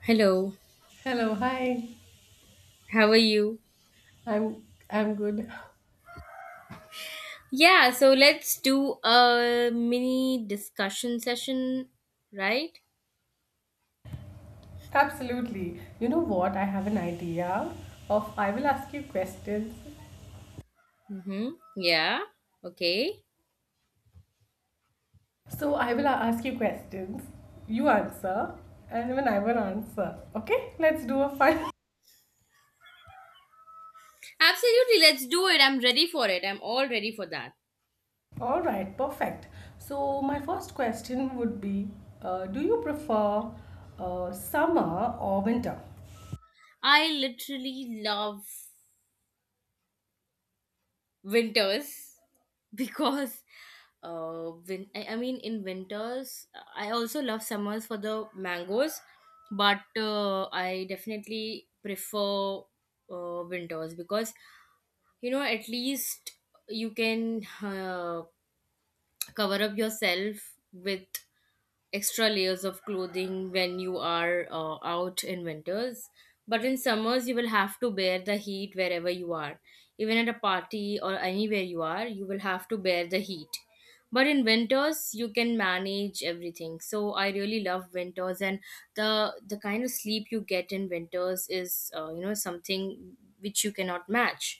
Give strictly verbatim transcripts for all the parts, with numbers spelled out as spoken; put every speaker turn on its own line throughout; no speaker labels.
Hello,
Hello, hi.
how are you?
I'm I'm good.
Yeah, so let's do a mini discussion session, right?
Absolutely. You know what? I have an idea of I will ask you questions.
Mm-hmm. Yeah, okay.
So I will a- ask you questions. You answer, and when I will answer. Okay? Let's do a fun.
Absolutely, let's do it. I'm ready for it. I'm all ready for that.
All right, perfect. So my first question would be, uh, do you prefer uh, summer or winter?
I literally love winters because uh win- I, I mean in winters I also love summers for the mangoes, but uh, I definitely prefer uh, winters because you know, at least you can uh, cover up yourself with extra layers of clothing when you are uh, out in winters. But in summers you will have to bear the heat wherever you are. Even at a party or anywhere you are, you will have to bear the heat. But in winters you can manage everything, so I really love winters. And the the kind of sleep you get in winters is, uh, you know, something which you cannot match,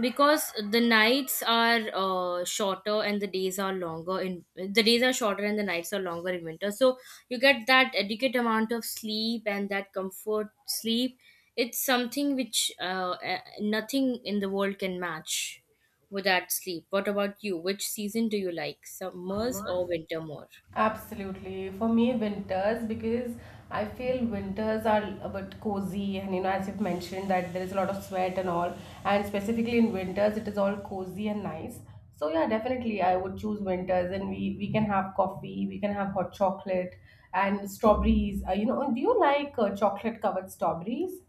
because the nights are uh, shorter and the days are longer in the days are shorter and the nights are longer in winter. So you get that adequate amount of sleep and that comfort sleep. It's something which uh, eh, nothing in the world can match with that sleep. What about you, which season do you like, summers or winter more?
Absolutely. For me, winters, because I feel winters are a bit cozy, and you know, as you've mentioned, that there is a lot of sweat and all, and specifically in winters, it is all cozy and nice. So, yeah, definitely, I would choose winters, and we, we can have coffee, we can have hot chocolate and strawberries. Uh, you know, do you like uh, chocolate covered strawberries?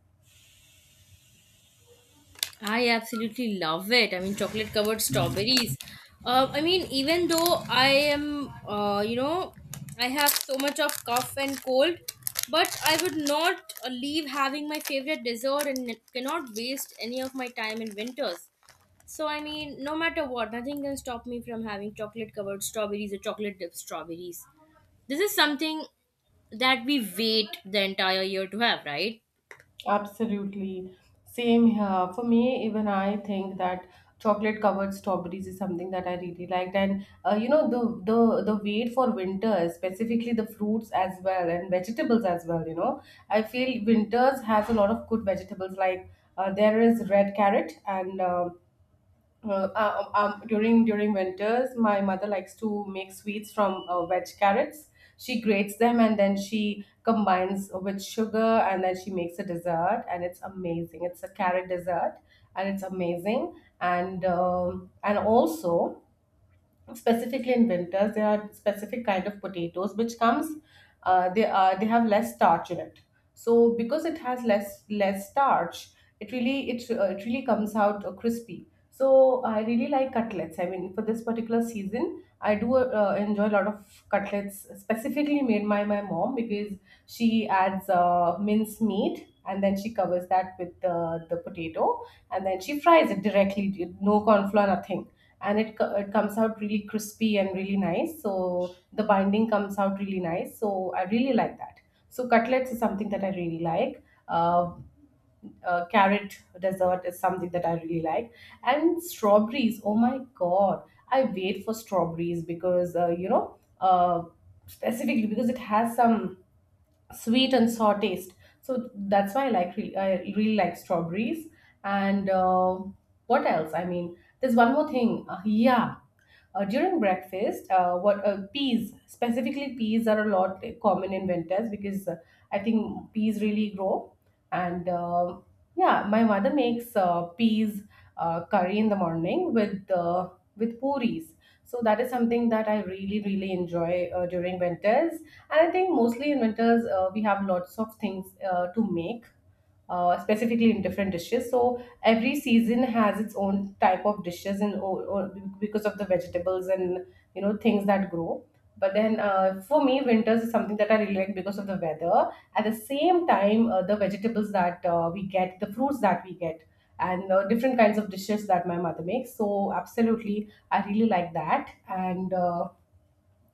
I absolutely love it. I mean, chocolate covered strawberries. Uh, I mean, even though I am, uh, you know, I have so much of cough and cold, but I would not uh, leave having my favorite dessert and cannot waste any of my time in winters. So, I mean, no matter what, nothing can stop me from having chocolate covered strawberries or chocolate dipped strawberries. This is something that we wait the entire year to have, right?
Absolutely. Same here. For me, even I think that chocolate covered strawberries is something that I really liked. And uh, you know, the the the wait for winter, specifically the fruits as well and vegetables as well, you know. I feel winters has a lot of good vegetables like uh, there is red carrot and um uh, uh, um, um, during during winters, my mother likes to make sweets from uh, veg carrots. She grates them and then she combines with sugar and then she makes a dessert and it's amazing. It's a carrot dessert and it's amazing. And um, and also specifically in winters there are specific kind of potatoes which comes uh, they are they have less starch in it so because it has less less starch it really it, uh, it really comes out uh, crispy. So I really like cutlets. I mean, for this particular season, I do uh, uh, enjoy a lot of cutlets specifically made by my mom, because she adds uh, minced meat and then she covers that with the, the potato and then she fries it directly, no corn flour, nothing. And it, co- it comes out really crispy and really nice, so the binding comes out really nice, so I really like that. So cutlets is something that I really like. uh, uh, Carrot dessert is something that I really like. And strawberries, oh my god, I wait for strawberries because uh, you know, uh, specifically because it has some sweet and sour taste. So that's why I like, really, I really like strawberries. And uh, what else? I mean, there's one more thing. Uh, yeah, uh, during breakfast, uh, what uh, peas, specifically peas are a lot common in winters because uh, I think peas really grow. And uh, yeah, my mother makes uh, peas uh, curry in the morning with uh, with puris. So that is something that I really really enjoy uh, during winters. And I think mostly in winters, uh, we have lots of things uh, to make, uh, specifically in different dishes. So every season has its own type of dishes, and o- o- because of the vegetables and you know things that grow. But then uh, for me, winters is something that I really like because of the weather. At the same time, uh, the vegetables that uh, we get, the fruits that we get, and uh, different kinds of dishes that my mother makes. So absolutely, I really like that. And uh,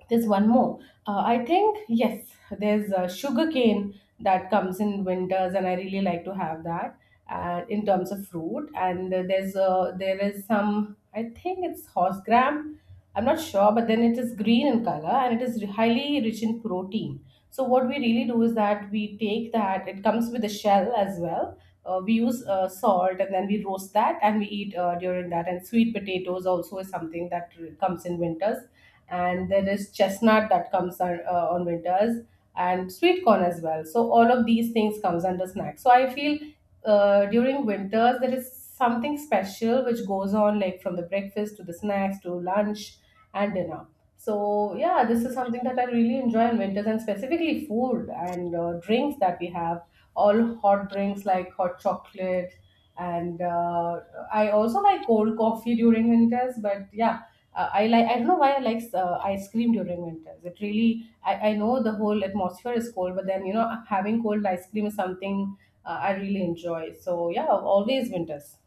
there's one more. Uh, I think yes, there's uh, sugar cane that comes in winters, and I really like to have that. And in terms of fruit, and uh, there's uh, there is some. I think it's horse gram. I'm not sure, but then it is green in color and it is highly rich in protein. So what we really do is that we take that. It comes with a shell as well. Uh, we use uh, salt and then we roast that and we eat uh, during that. And sweet potatoes also is something that comes in winters, and there is chestnut that comes on, uh, on winters, and sweet corn as well. So all of these things comes under snacks. So I feel uh, during winters there is something special which goes on, like from the breakfast to the snacks to lunch and dinner. So yeah, this is something that I really enjoy in winters, and specifically food and uh, drinks that we have, all hot drinks like hot chocolate. And uh, I also like cold coffee during winters. But yeah, uh, I like, I don't know why I like uh, ice cream during winters. It really, I, I know the whole atmosphere is cold, but then you know having cold ice cream is something uh, I really enjoy. So yeah, always winters.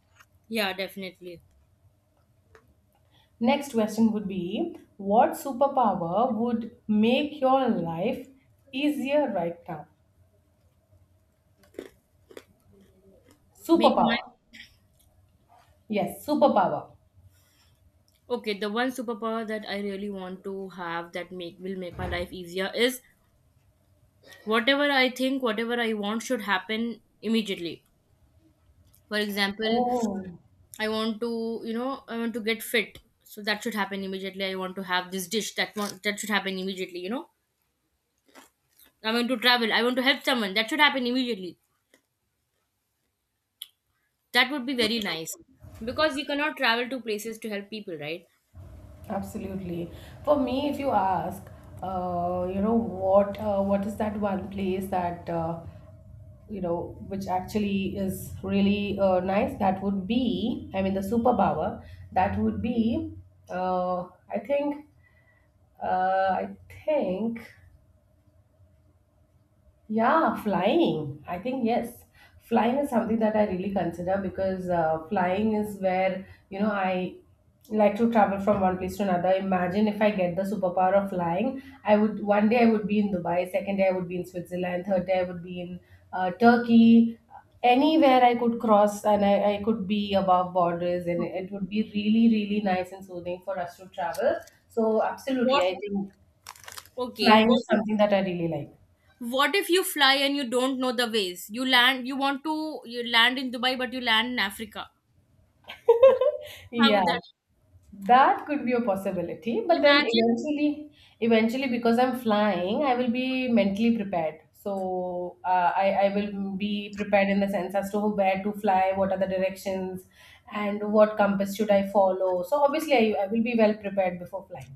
Yeah, definitely.
Next question would be, what superpower would make your life easier right now?
Make my.
Superpower. Yes, superpower.
Okay, the one superpower that I really want to have that make will make my life easier is, whatever I think, whatever I want, should happen immediately. For example,
Oh.
I want to, you know, I want to get fit, so that should happen immediately. I want to have this dish that want, that should happen immediately, you know. I want to travel, I want to help someone. That should happen immediately. That would be very nice, because you cannot travel to places to help people, right?
Absolutely. For me, if you ask, uh, you know, what uh, what is that one place that uh, you know, which actually is really uh, nice? That would be, I mean, the superpower. That would be, uh, I think, uh, I think. Yeah, flying. I think yes. Flying is something that I really consider, because uh, flying is where, you know, I like to travel from one place to another. Imagine if I get the superpower of flying, I would, one day I would be in Dubai, second day I would be in Switzerland, third day I would be in uh, Turkey. Anywhere I could cross, and I, I could be above borders, and it would be really, really nice and soothing for us to travel. So absolutely,
What
I think
okay,
flying
what
is
if.
something that I really like.
What if you fly and you don't know the ways? You land, you want to you land in Dubai, but you land in Africa. How
Yeah,
would that?
that could be a possibility, but then
Imagine.
eventually, eventually, because I'm flying, I will be mentally prepared. So uh, I I will be prepared in the sense as to where to fly, what are the directions, and what compass should I follow. So obviously, I, I will be well prepared before flying.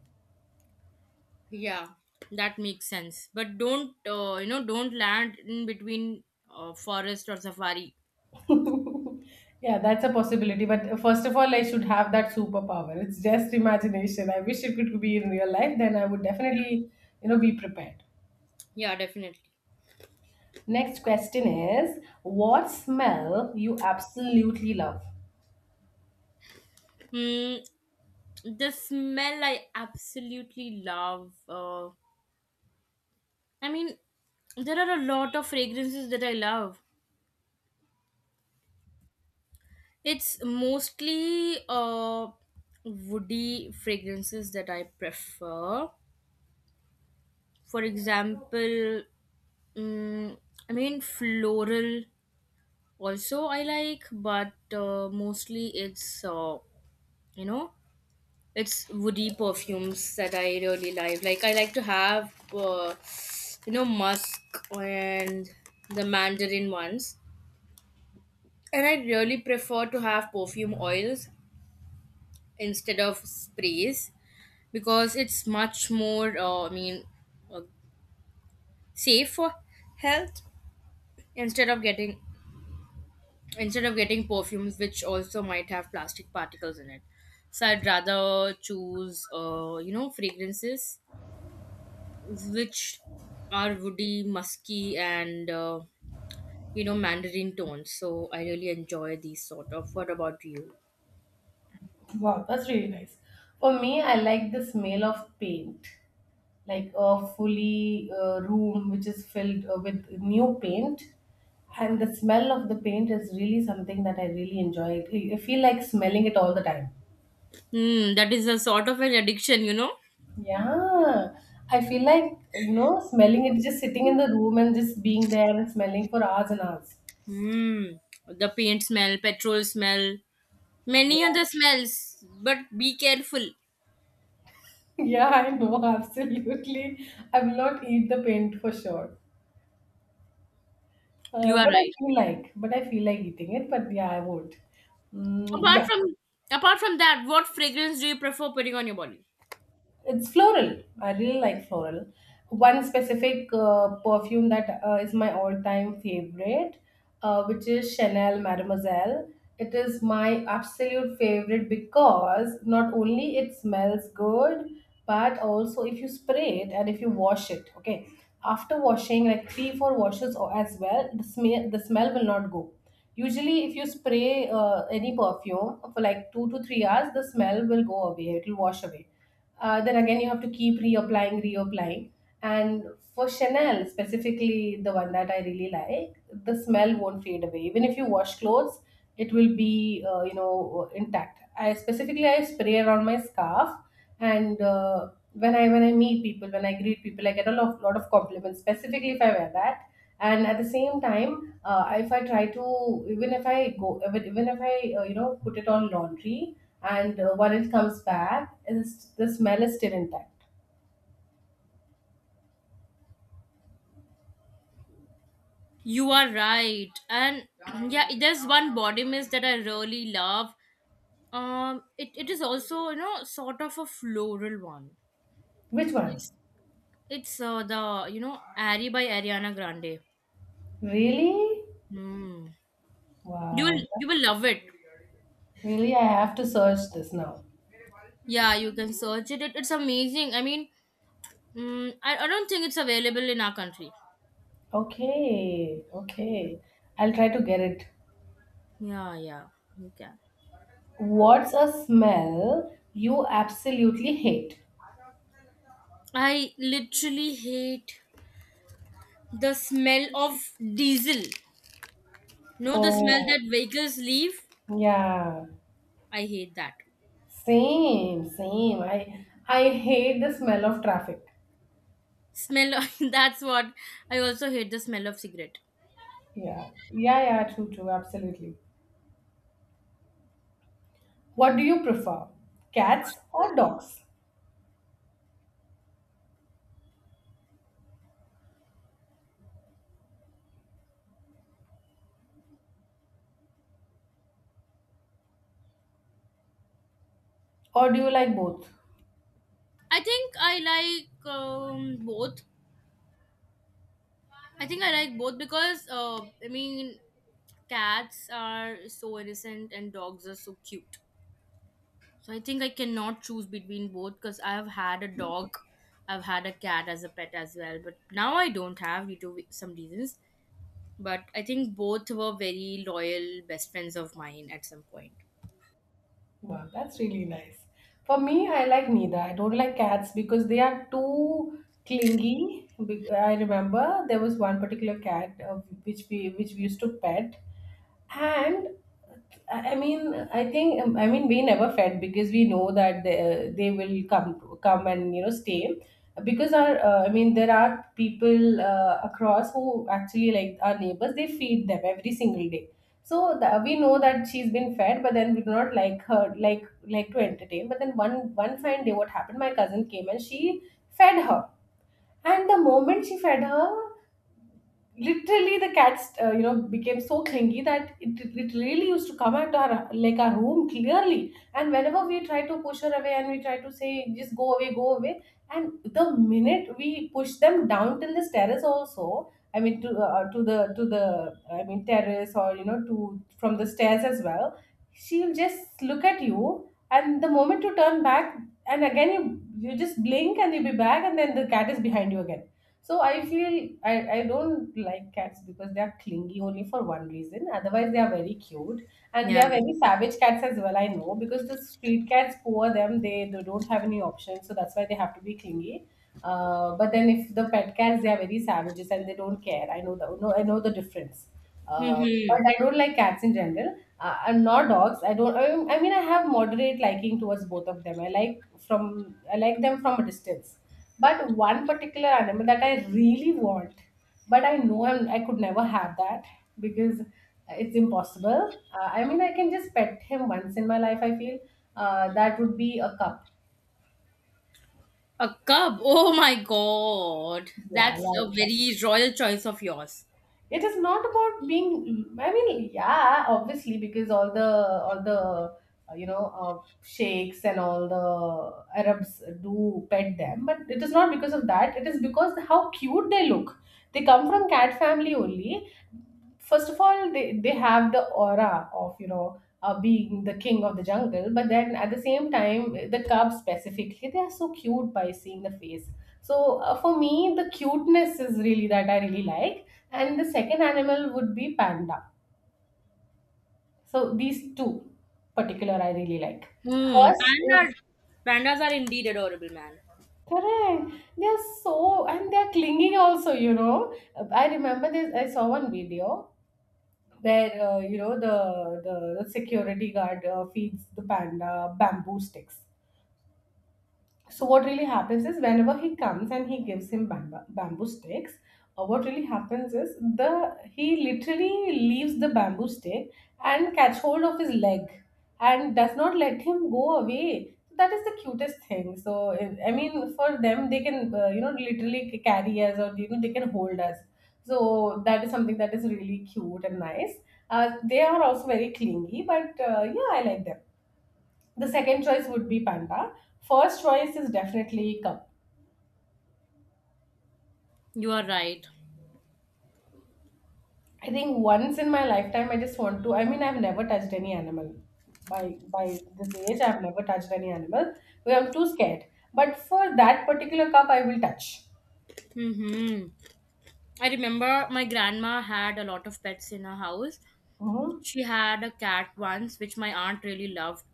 Yeah, that makes sense. But don't uh, you know? don't land in between uh, forest or safari.
Yeah, that's a possibility. But first of all, I should have that superpower. It's just imagination. I wish it could be in real life. Then I would definitely, you know, be prepared.
Yeah, definitely.
Next question is, what smell you absolutely love?
Mm, the smell I absolutely love. Uh, I mean, there are a lot of fragrances that I love. It's mostly uh, woody fragrances that I prefer. For example, mm, I mean, floral also I like, but uh, mostly it's, uh, you know, it's woody perfumes that I really like. Like, I like to have, uh, you know, musk and the mandarin ones. And I really prefer to have perfume oils instead of sprays, because it's much more, uh, i mean uh, safe for health, instead of getting instead of getting perfumes which also might have plastic particles in it. So I'd rather choose, uh, you know, fragrances which are woody, musky and, uh, you know, mandarin tones. So I really enjoy these sort of. What about you?
Wow, that's really nice. For me, I like the smell of paint, like a fully uh, room which is filled uh, with new paint. And the smell of the paint is really something that I really enjoy. I I feel like smelling it all the time.
Hmm, that is a sort of an addiction you know
Yeah, I feel like, you know, smelling it, just sitting in the room and just being there and smelling for hours and hours.
Hmm, the paint smell, petrol smell. Many other smells, but be careful.
Yeah, I know, absolutely. I will not eat the paint for sure. Uh,
You are
but I
right.
feel like, but I feel like eating it. But yeah, I won't. Mm,
Apart
yeah.
from apart from that, what fragrance do you prefer putting on your body?
It's floral. I really like floral. One specific uh, perfume that uh, is my all-time favorite, uh, which is Chanel Mademoiselle. It is my absolute favorite because not only it smells good, but also if you spray it and if you wash it, okay. After washing, like three, four washes or as well, the smell the smell will not go. Usually, if you spray uh, any perfume for like two to three hours, the smell will go away. It will wash away. Uh, then again, you have to keep reapplying, reapplying. And for Chanel, specifically the one that I really like, the smell won't fade away. Even if you wash clothes, it will be uh, you know, intact. I specifically I spray around my scarf, and uh, when I when I meet people, when I greet people, I get a lot of, lot of compliments. Specifically, if I wear that, and at the same time, uh, if I try to, even if I go, even, even if I uh, you know put it on laundry, and uh, when it comes back, it's, the smell is still intact.
You are right. And yeah, there's one body mist that I really love. Um it, it is also, you know, sort of a floral one.
Which one?
It's it's uh, the, you know Ari by Ariana Grande.
Really?
Hmm. You will
Wow.
you will love it.
Really, I have to search this now.
Yeah, you can search it. it it's amazing. I mean, mm, I, I don't think it's available in our country.
Okay,
Yeah.
okay. I'll try to get it.
Yeah, yeah, you can.
What's a smell you absolutely hate?
I literally hate the smell of diesel. No, the smell
Oh,
that vehicles leave.
yeah.
I hate that.
Same, same. I I hate the smell of traffic.
Smell, that's what. I also hate the smell of cigarette.
Yeah. Yeah, yeah, true, true, absolutely. What do you prefer? Cats or dogs? Or do you like both?
I think I like, um, both. I think I like both because, uh, I mean, cats are so innocent and dogs are so cute. So I think I cannot choose between both, because I have had a dog, I've had a cat as a pet as well, but now I don't have, due to some reasons. But I think both were very loyal best friends of mine at some point.
Wow, that's really nice. For me, I like neither. I don't like cats because they are too clingy. Be- I remember there was one particular cat uh, which we which we used to pet. And I mean, I think um, I mean we never fed because we know that they, they will come come and you know stay, because our uh, I mean there are people uh, across who actually like our neighbors they feed them every single day. So the, we know that she's been fed, but then we do not like her like like to entertain. But then one one fine day, what happened? My cousin came and she fed her, and the moment she fed her, literally the cats uh, you know became so clingy that it, it really used to come at our like our room clearly. And whenever we try to push her away and we try to say just go away go away, and the minute we push them down till this terrace also, I mean to uh, to the to the I mean terrace or you know to from the stairs as well, she'll just look at you, and the moment you turn back and again you you just blink and you'll be back, and then the cat is behind you again. So I feel I, I don't like cats because they are clingy only for one reason. Otherwise, they are very cute and they
Yeah.
are very savage cats as well. I know, because the street cats, poor them, they, they don't have any option, so that's why they have to be clingy. Uh, but then if the pet cats, they are very savages and they don't care. I know the no, I know the difference. Uh,
Mm-hmm.
but I don't like cats in general. Uh, I'm not dogs. I don't. I mean, I mean, I have moderate liking towards both of them. I like from I like them from a distance, but one particular animal that I really want, but I know I'm, I could never have that because it's impossible. Uh, I mean, I can just pet him once in my life, I feel. Uh, that would be a cup.
A cub. Oh my god,
Yeah,
that's a
like cup.
very royal choice of yours.
It is not about being, I mean, yeah, obviously, because all the, all the, uh, you know, uh, sheikhs and all the Arabs do pet them, but it is not because of that. It is because how cute they look. They come from cat family only. First of all, they, they have the aura of you know uh, being the king of the jungle, but then at the same time the cubs specifically, they are so cute by seeing the face. So uh, for me the cuteness is really that I really like, and the second animal would be panda. So these two particular I really like.
Hmm.
First is
Pandas. Pandas are indeed adorable, man.
correct. They are so, and they are clinging also, you know. I remember this, I saw one video where uh, you know the, the the security guard uh, feeds the panda bamboo sticks. So what really happens is whenever he comes and he gives him bamboo, bamboo sticks, uh, what really happens is the he literally leaves the bamboo stick and catch hold of his leg and does not let him go away. That is the cutest thing. So I I mean, for them, they can uh, you know literally c- carry us, or you know they can hold us. So that is something that is really cute and nice. Uh, they are also very clingy, but uh, yeah, I like them. The second choice would be panda. First choice is definitely cup.
You are right.
I think once in my lifetime I just want to, I mean I've never touched any animal. By by this age I've never touched any animal. Well, I'm too scared. But for that particular cup I will touch.
Mm-hmm. I remember my grandma had a lot of pets in her house.
Mhm.
She had a cat once, which my aunt really loved.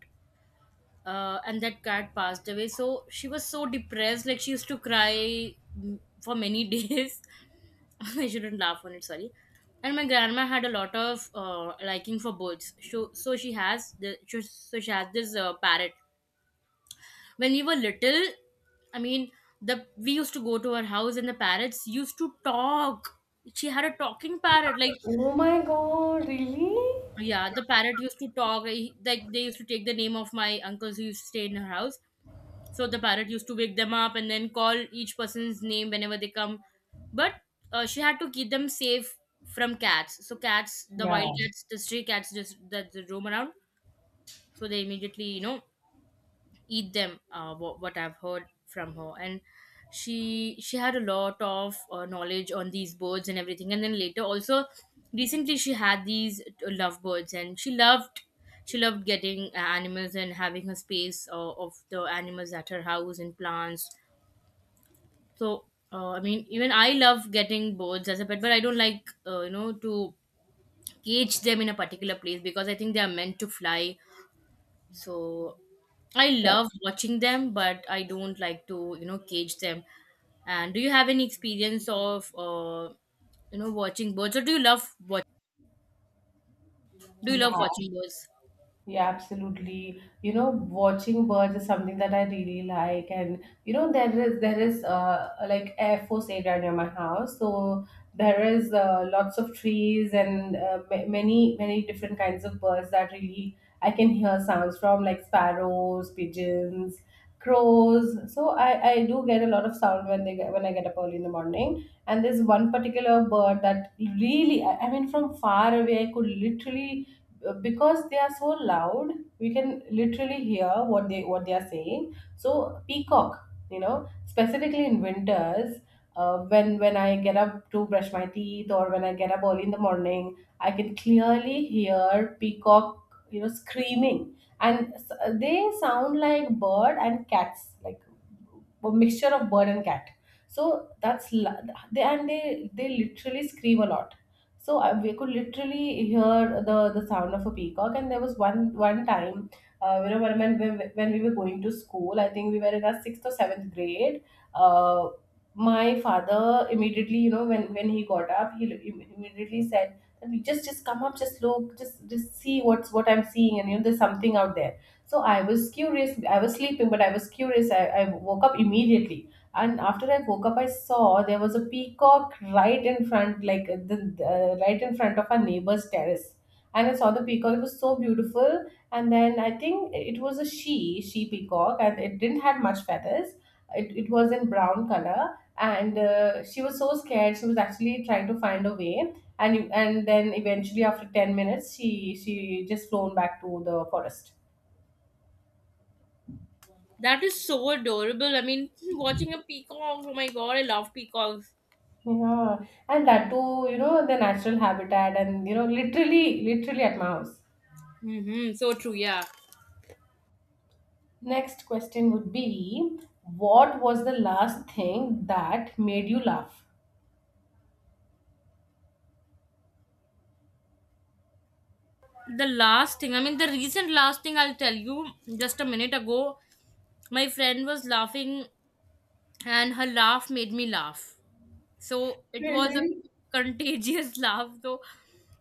Uh, and that cat passed away, so she was so depressed. Like, she used to cry, mm, for many days. I shouldn't laugh on it, sorry. And my grandma had a lot of uh, liking for birds. So, so she has the so so she has this uh, parrot. When we were little, I mean, the we used to go to her house and the parrots used to talk. She had a talking parrot, like.
Oh my god, really?
Yeah, the parrot used to talk. he- Like, they used to take the name of my uncles who used to stay in her house. So the parrot used to wake them up and then call each person's name whenever they come. But uh, she had to keep them safe from cats. So cats, the
Yeah.
wild cats, the stray cats, just that they roam around. So they immediately, you know, eat them, uh, what, what I've heard from her. And she she had a lot of uh, knowledge on these birds and everything. And then, later also, recently, she had these uh, lovebirds, and she loved she loved getting uh, animals and having her space uh, of the animals at her house, and plants. So, uh, i mean even I love getting birds as a pet, but I don't like, uh, you know to cage them in a particular place, because I think they are meant to fly. So I love watching them, but I don't like to, you know, cage them. And do you have any experience of, uh, you know, watching birds, or do you love watch? Do you
Yeah.
love watching birds?
Yeah, absolutely. You know, watching birds is something that I really like, and you know, there is there is uh like Air Force area near my house. So there is uh, lots of trees and uh, ma- many many different kinds of birds that really I can hear sounds from, like sparrows, pigeons, crows. So I I do get a lot of sound when they get, when I get up early in the morning, and there's one particular bird that really I, I mean from far away I could literally, uh, because they are so loud, we can literally hear what they what they are saying. So peacock, you know, specifically in winters, uh, when when I get up to brush my teeth or when I get up early in the morning, I can clearly hear peacock, you know, screaming. And s- they sound like bird and cats, like a mixture of bird and cat. So that's la- they, and they they literally scream a lot. So uh, we could literally hear the, the sound of a peacock. And there was one one time, uh, you know, when, when when when we were going to school, I think we were in our sixth or seventh grade. Uh, my father immediately, you know, when when he got up, he im- immediately said, "Just just come up, just look, just just see what's what I'm seeing, and you know, there's something out there." So I was curious. I was sleeping, but I was curious. I, I woke up immediately, and after I woke up, I saw there was a peacock right in front, like uh, the, the- uh, right in front of our neighbor's terrace. And I saw the peacock; it was so beautiful. And then I think it was a she, she peacock, and it didn't have much feathers. It, it was in brown color, and uh, she was so scared. She was actually trying to find a way, and and then eventually after ten minutes, she she just flown back to the forest.
That is so adorable. I mean, watching a peacock. Oh my god, I love peacocks.
Yeah, and that too, you know, the natural habitat and, you know, literally, literally at my house.
Mm-hmm, so true. Yeah.
Next question would be, what was the last thing that made you laugh?
The last thing, I mean, the recent last thing, I'll tell you. Just a minute ago, my friend was laughing, and her laugh made me laugh. So it was a
Really?
contagious laugh, though.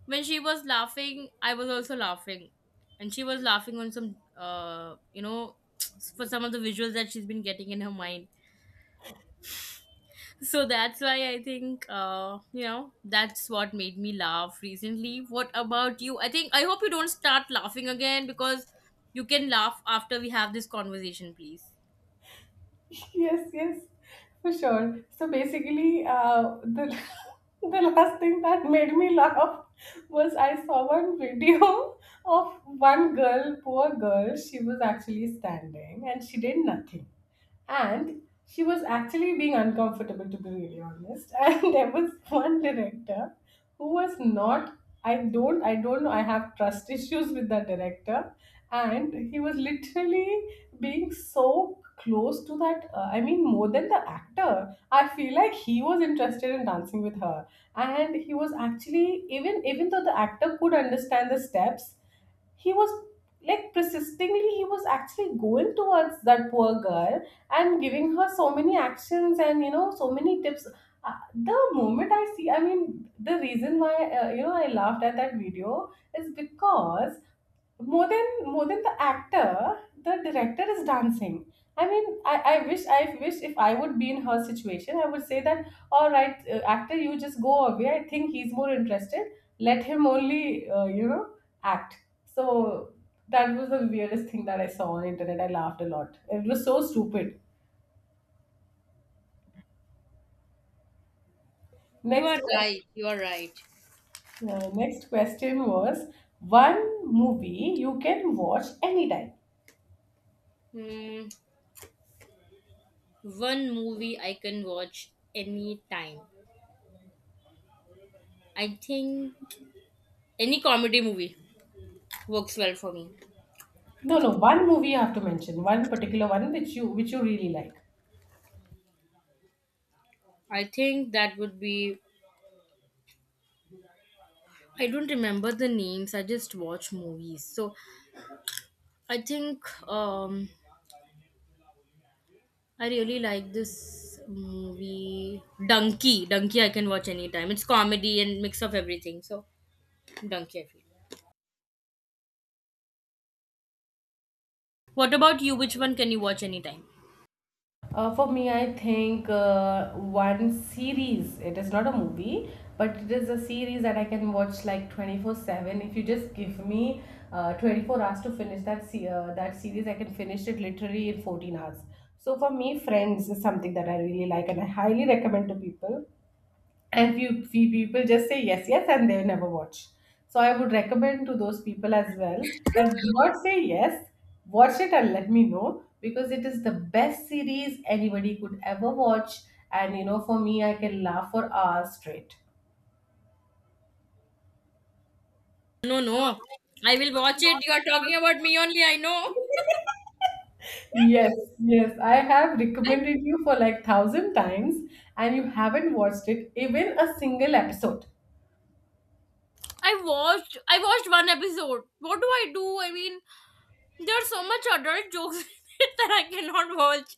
When she was laughing, I was also laughing. And she was laughing on some, uh, you know, for some of the visuals that she's been getting in her mind. So that's why I think, uh, you know, that's what made me laugh recently. What about you? I think, I hope you don't start laughing again, because you can laugh after we have this conversation, please.
Yes, yes, for sure. So basically uh, the the last thing that made me laugh was I saw one video of one girl, poor girl. She was actually standing and she did nothing, and she was actually being uncomfortable, to be really honest. And there was one director who was not, I don't i don't know, I have trust issues with that director. And he was literally being so close to that, uh, I mean more than the actor. I feel like he was interested in dancing with her, and he was actually, even even though the actor could understand the steps, he was like persistingly, he was actually going towards that poor girl and giving her so many actions and you know so many tips. Uh, the moment I see, I mean the reason why uh, you know I laughed at that video is because more than more than the actor, the director is dancing. i mean i, I wish, i wish if I would be in her situation, I would say that, all right, uh, actor, you just go away. I think he's more interested. Let him only, uh, you know act. So that was the weirdest thing that I saw on internet. I laughed a lot, it was so stupid.
You
Next
are
question.
right. You are right.
Yeah, next question was, one movie you can watch anytime.
Hmm. One movie I can watch anytime. I think any comedy movie works well for me.
No, no, one movie you have to mention, one particular one which you which you really like.
I think that would be. I don't remember the names, I just watch movies. So I think, um, I really like this movie Donkey. Donkey I can watch anytime. It's comedy and mix of everything. So Donkey, I feel. What about you? Which one can you watch anytime?
Uh, for me, I think uh, one series. It is not a movie, but it is a series that I can watch like twenty four seven. If you just give me uh, twenty four hours to finish that se- uh, that series, I can finish it literally in fourteen hours. So for me, Friends is something that I really like, and I highly recommend to people. And few few people just say yes yes and they never watch, so I would recommend to those people as well that do not say yes, watch it and let me know, because it is the best series anybody could ever watch. And you know, for me, I can laugh for hours straight.
No, no, I will watch it. You are talking about me only, I know.
Yes, yes, I have
I
recommended you for like thousand times and you haven't watched it, even a single episode.
I watched I watched one episode. What do I do? I mean, there are so much adult jokes in it that I cannot watch.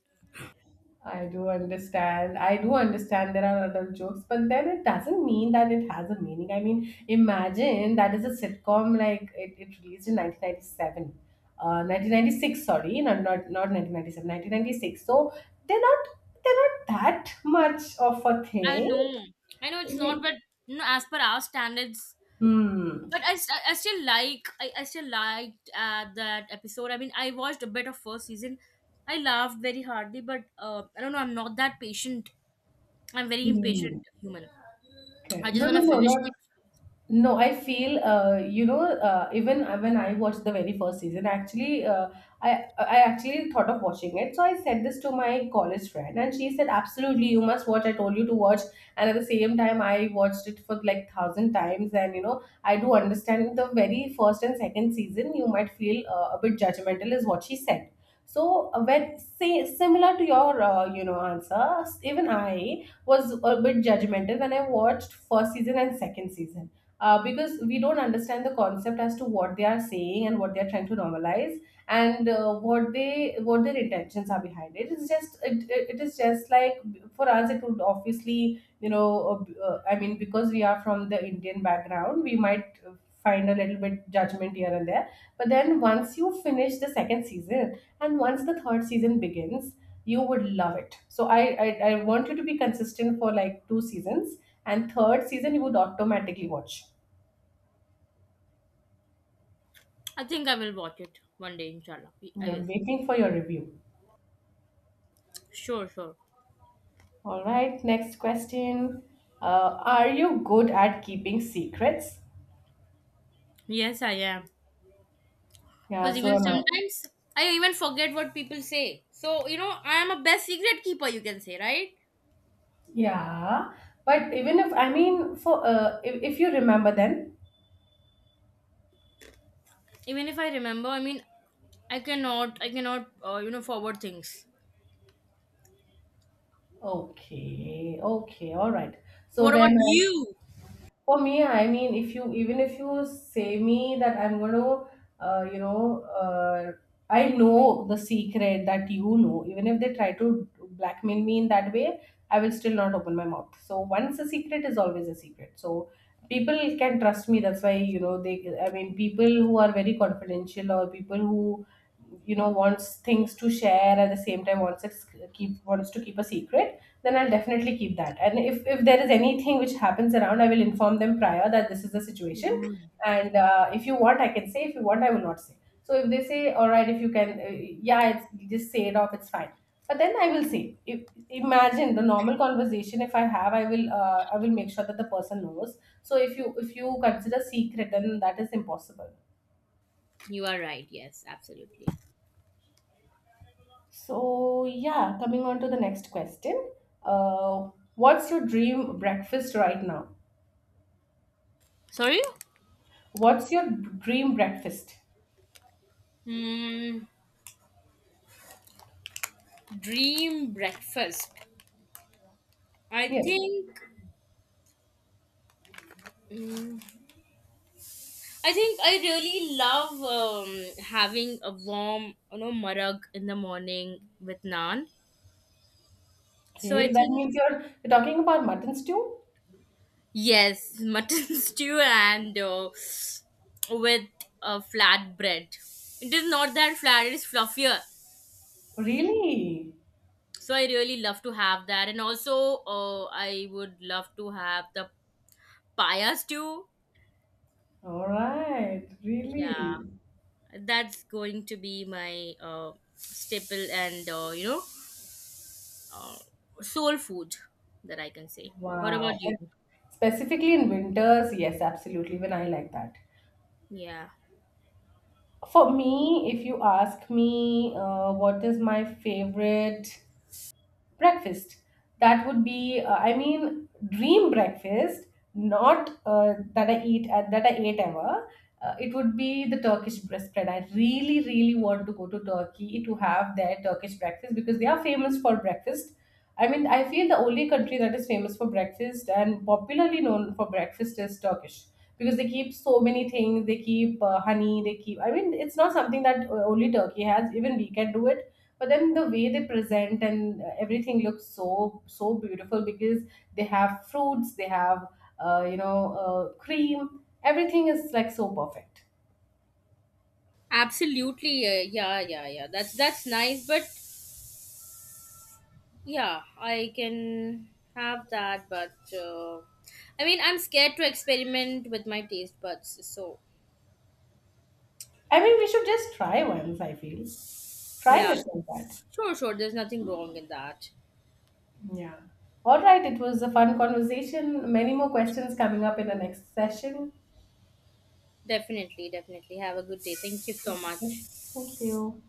I do understand. I do understand there are adult jokes, but then it doesn't mean that it has a meaning. I mean, imagine that is a sitcom like it, it released in nineteen ninety seven. Uh, nineteen ninety six, sorry, not, not, not nineteen ninety seven, nineteen ninety six. So they're not, they're not that much of a
I
thing.
know, I know it's
Yeah.
not, but you know, as per our standards.
Hmm.
But I, st- I still like, I, I still liked uh, that episode. I mean, I watched a bit of first season. I laughed very hardly, but uh, I don't know, I'm not that patient. I'm very impatient
Hmm.
human.
Okay.
I just
No, no,
wanna
no,
finish
not
it.
No, I feel uh, you know uh, even uh, when I watched the very first season, actually, uh, I I actually thought of watching it. So I said this to my college friend, and she said, "Absolutely, you must watch. I told you to watch." And at the same time, I watched it for like thousand times, and you know I do understand the very first and second season. You might feel uh, a bit judgmental, is what she said. So uh, when say similar to your uh, you know answer, even I was a bit judgmental when I watched first season and second season, uh, because we don't understand the concept as to what they are saying and what they are trying to normalize, and uh, what they what their intentions are behind it. It's just it, it it is just like, for us it would obviously you know uh, uh, I mean because we are from the Indian background, we might uh, find a little bit judgment here and there. But then once you finish the second season and once the third season begins, you would love it. So i i, I want you to be consistent for like two seasons, and third season you would automatically watch.
I think I will watch it one day, inshallah. I
Yeah,
will.
I'm waiting for your review.
Sure, sure.
All right, next question. Uh, are you good at keeping secrets?
Yes, I am. Because
Yeah, so
even
am I.
sometimes I even forget what people say. So, you know, I am a best secret keeper, you can say, right?
Yeah, but even if I mean for uh, if, if you remember then.
Even if I remember, I mean, I cannot, I cannot, uh, you know, forward things.
Okay, okay, all right. So
What about
then,
you?
for me, I mean, if you even if you say me that I'm gonna, uh, you know, uh, I know the secret that you know. Even if they try to blackmail me in that way, I will still not open my mouth. So once a secret is always a secret. So people can trust me. That's why you know they. I mean, people who are very confidential or people who you know wants things to share at the same time wants to keep wants to keep a secret, then I'll definitely keep that. And if, if there is anything which happens around, I will inform them prior that this is the situation. And uh, if you want, I can say. If you want, I will not say. So if they say, all right, if you can, uh, yeah, it's, just say it off, it's fine. But then I will say, if, imagine the normal conversation. If I have, I will, uh, I will make sure that the person knows. So if you if you consider secret, then that is impossible.
You are right. Yes, absolutely.
So yeah, coming on to the next question. Uh, what's your dream breakfast right now?
Sorry?
What's your dream breakfast?
Hmm. Dream breakfast. I
Yes.
think. mm, I think I really love, um, having a warm, you know, marag in the morning with naan. So
Okay,
I
that
think.
means you're, you're talking about mutton stew?
Yes, mutton stew, and uh, with uh, flat bread. It is not that flat, it is fluffier.
Really?
So I really love to have that. And also, uh, I would love to have the paya stew.
All right, really.
Yeah, that's going to be my uh, staple, and, uh, you know, uh, soul food, that I can say. What
Wow.
about you?
But specifically in winters, yes, absolutely. Even I like that.
Yeah.
For me, if you ask me, uh, what is my favorite breakfast? That would be, uh, i mean dream breakfast, not uh, that i eat at that I ate ever. uh, it would be the Turkish breast spread. I really really want to go to Turkey to have their Turkish breakfast, because they are famous for breakfast. I mean, I feel the only country that is famous for breakfast and popularly known for breakfast is Turkish. Because they keep so many things, they keep uh, honey, they keep, I mean it's not something that uh, only Turkey has, even we can do it. But then the way they present and uh, everything looks so so beautiful, because they have fruits, they have uh, you know uh, cream, everything is like so perfect.
Absolutely, uh, yeah, yeah, yeah. That's that's nice, but. Yeah, I can have that, but uh, I mean, I'm scared to experiment with my taste buds. So,
I mean, we should just try once, I feel. Trying
yeah,
is not bad.
sure, sure. There's nothing wrong in that.
Yeah. All right, it was a fun conversation. Many more questions coming up in the next session.
Definitely, definitely. Have a good day. Thank you so much.
Thank you.